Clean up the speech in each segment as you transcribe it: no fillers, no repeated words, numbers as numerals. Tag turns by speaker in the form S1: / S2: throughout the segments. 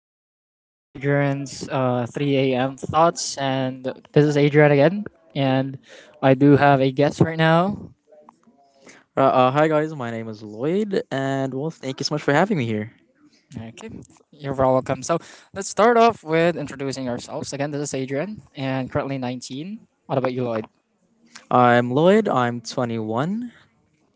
S1: everyone. This is Adrian's 3 a.m. thoughts, and this is Adrian again. And I do have a guest right now.
S2: Hi guys, my name is Lloyd, and well, thank you so much for having me here.
S1: Okay, you're welcome. So let's start off with introducing ourselves. Again, this is Adrian, and currently 19. What about you, Lloyd?
S2: I'm Lloyd. I'm 21.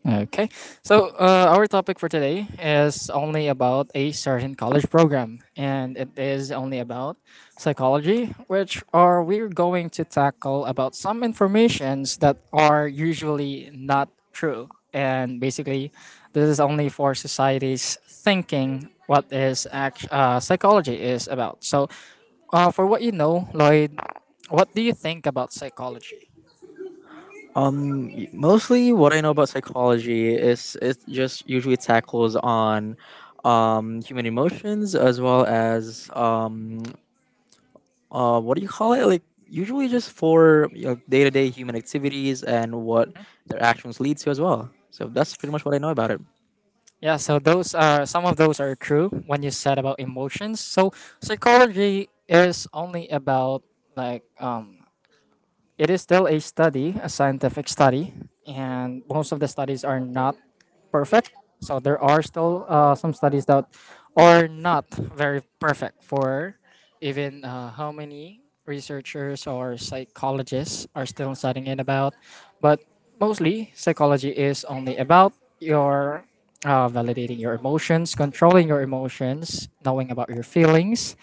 S1: Okay, so our topic for today is only about a certain college program, and it is only about psychology, which are we're going to tackle about some informations that are usually not true, and basically, this is only for society's thinking what is psychology is about. So, for what you know, Lloyd, what do you think about psychology?
S2: Mostly what I know about psychology is it just usually tackles on, human emotions, as well as what do you call it? Like usually just for day-to-day human activities and what their actions lead to as well. So that's pretty much what I know about it.
S1: Yeah, so those are some of those are true when you said about emotions. So psychology is only about like, it is still a study, a scientific study, and most of the studies are not perfect. So there are still some studies that are not very perfect for even how many researchers or psychologists are still studying it about. But mostly, psychology is only about your validating your emotions, controlling your emotions, knowing about your feelings,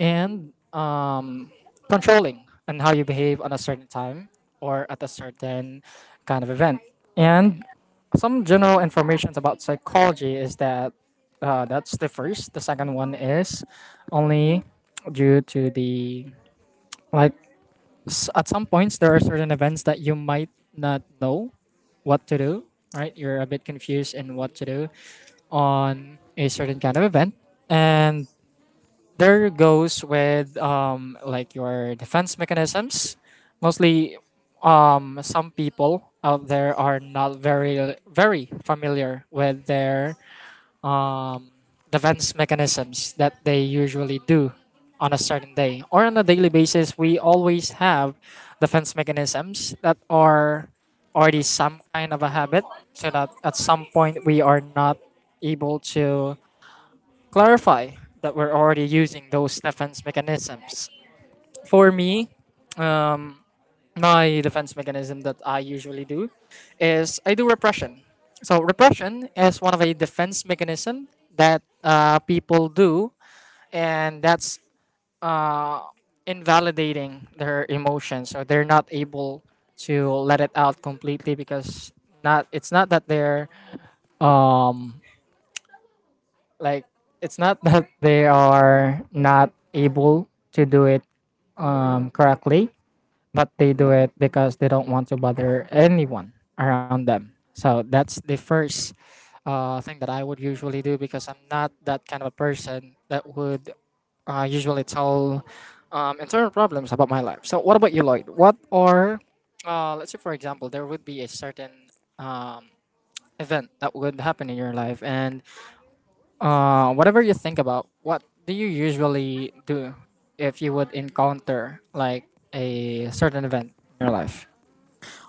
S1: and controlling on how you behave on a certain time or at a certain kind of event. And some general informations about psychology is that that's the first. The second one is only due to the like at some points there are certain events that you might not know what to do. Right, you're a bit confused in what to do on a certain kind of event, and there goes with like your defense mechanisms. Mostly, some people out there are not very familiar with their um, defense mechanisms that they usually do on a certain day or on a daily basis. We always have defense mechanisms that are already some kind of a habit, so that at some point we are not able to clarify that we're already using those defense mechanisms. For me, um, my defense mechanism that I usually do is I do repression. So repression is one of a defense mechanism that people do, and that's uh, invalidating their emotions. So they're not able to let it out completely because not it's not that they're um, like it's not that they are not able to do it correctly, but they do it because they don't want to bother anyone around them. So that's the first thing that I would usually do because I'm not that kind of a person that would usually tell internal problems about my life. So what about you, Lloyd? What are let's say for example, there would be a certain um, event that would happen in your life and whatever you think about, what do you usually do if you would encounter like a certain event in your life?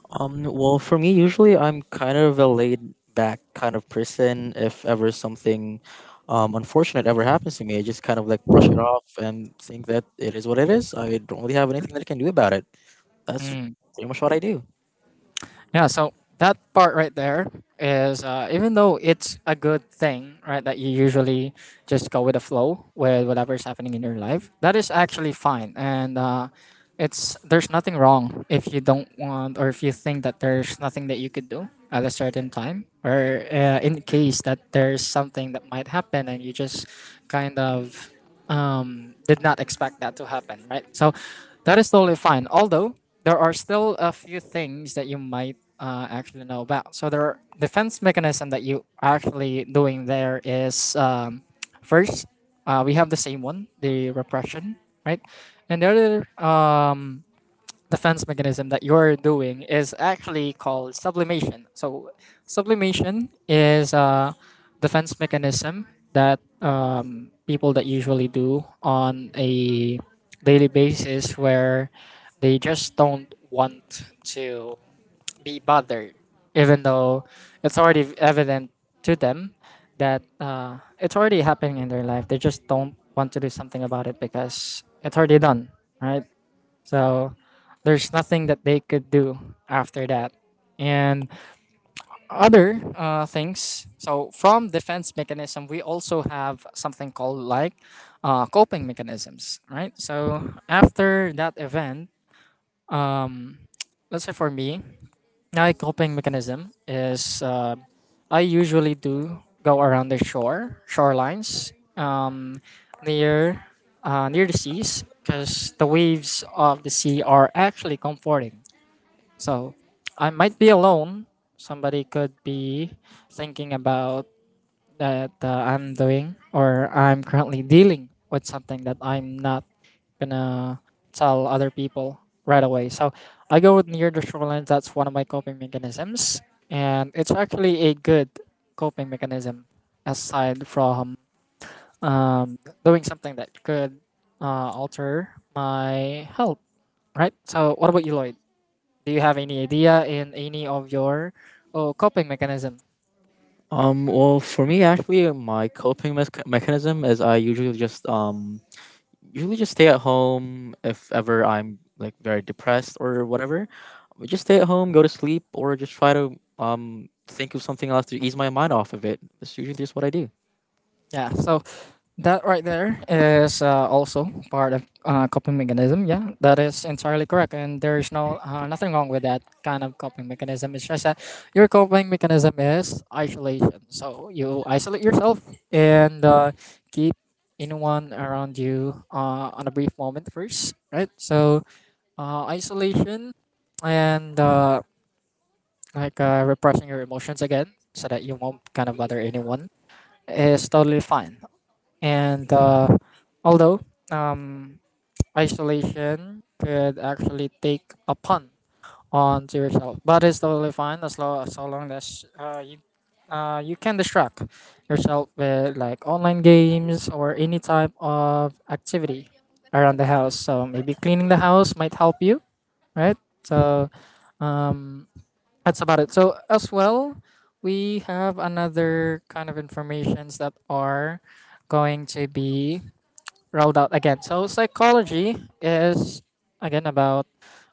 S2: Well, for me, usually I'm kind of a laid back kind of person. If ever something unfortunate ever happens to me, I just kind of like brush it off and think that it is what it is. I don't really have anything that I can do about it. That's
S1: Mm.
S2: pretty much what I do.
S1: Yeah, so that part right there is even though it's a good thing, right, that you usually just go with the flow with whatever's happening in your life, that is actually fine. And it's there's nothing wrong if you don't want or if you think that there's nothing that you could do at a certain time or in case that there's something that might happen and you just kind of did not expect that to happen, right? So that is totally fine, although there are still a few things that you might actually know about. So there are defense mechanism that you actually doing there is first, we have the same one, the repression, right? And the other um, defense mechanism that you're doing is actually called sublimation. So, sublimation is a defense mechanism that people that usually do on a daily basis where they just don't want to be bothered, even though it's already evident to them that it's already happening in their life. They just don't want to do something about it because it's already done, right? So there's nothing that they could do after that. And other things. So from defense mechanism, we also have something called like coping mechanisms, right? So after that event, um, let's say for me, my coping mechanism is I usually do go around the shore, shorelines, um, near near the seas, because the waves of the sea are actually comforting. So I might be alone. Somebody could be thinking about that I'm doing or I'm currently dealing with something that I'm not gonna tell other people right away. So I go with near the shoreline. That's one of my coping mechanisms, and it's actually a good coping mechanism aside from um, doing something that could alter my health. Right. So what about you, Lloyd? Do you have any idea in any of your oh, coping mechanism?
S2: Well, for me, actually, my coping mech mechanism is I usually just stay at home if ever I'm like very depressed or whatever. I just stay at home, go to sleep, or just try to think of something else to ease my mind off of it. That's usually just what I do.
S1: Yeah. So that right there is also part of coping mechanism. Yeah, that is entirely correct, and there is no nothing wrong with that kind of coping mechanism. It's just that your coping mechanism is isolation. So you isolate yourself and keep anyone around you on a brief moment first, right? So isolation and like repressing your emotions again, so that you won't kind of bother anyone, is totally fine and although um, isolation could actually take a pun onto yourself, but it's totally fine as long as so long as you you can distract yourself with like online games or any type of activity around the house. So maybe cleaning the house might help you, right? So um, that's about it. So as well, we have another kind of informations that are going to be rolled out again. So psychology is again about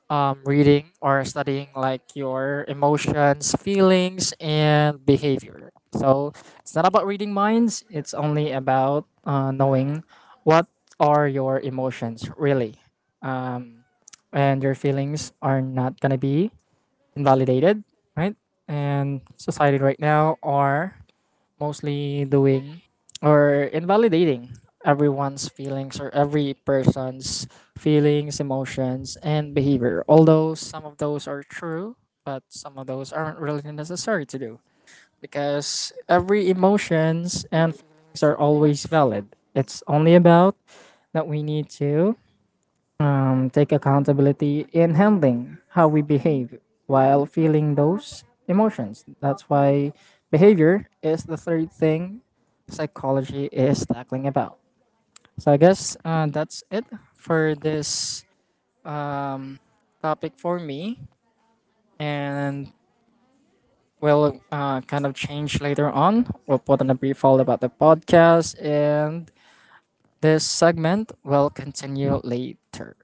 S1: reading or studying like your emotions, feelings, and behavior. So it's not about reading minds. It's only about knowing what are your emotions really, um, and your feelings are not gonna be invalidated, right? And society right now are mostly doing or invalidating everyone's feelings or every person's feelings, emotions, and behavior. Although some of those are true, but some of those aren't really necessary to do because every emotions and feelings are always valid. It's only about that we need to take accountability in handling how we behave while feeling those emotions. That's why behavior is the third thing psychology is tackling about. So I guess that's it for this um, topic for me, and we'll kind of change later on. We'll put on a brief hold about the podcast, and this segment will continue later.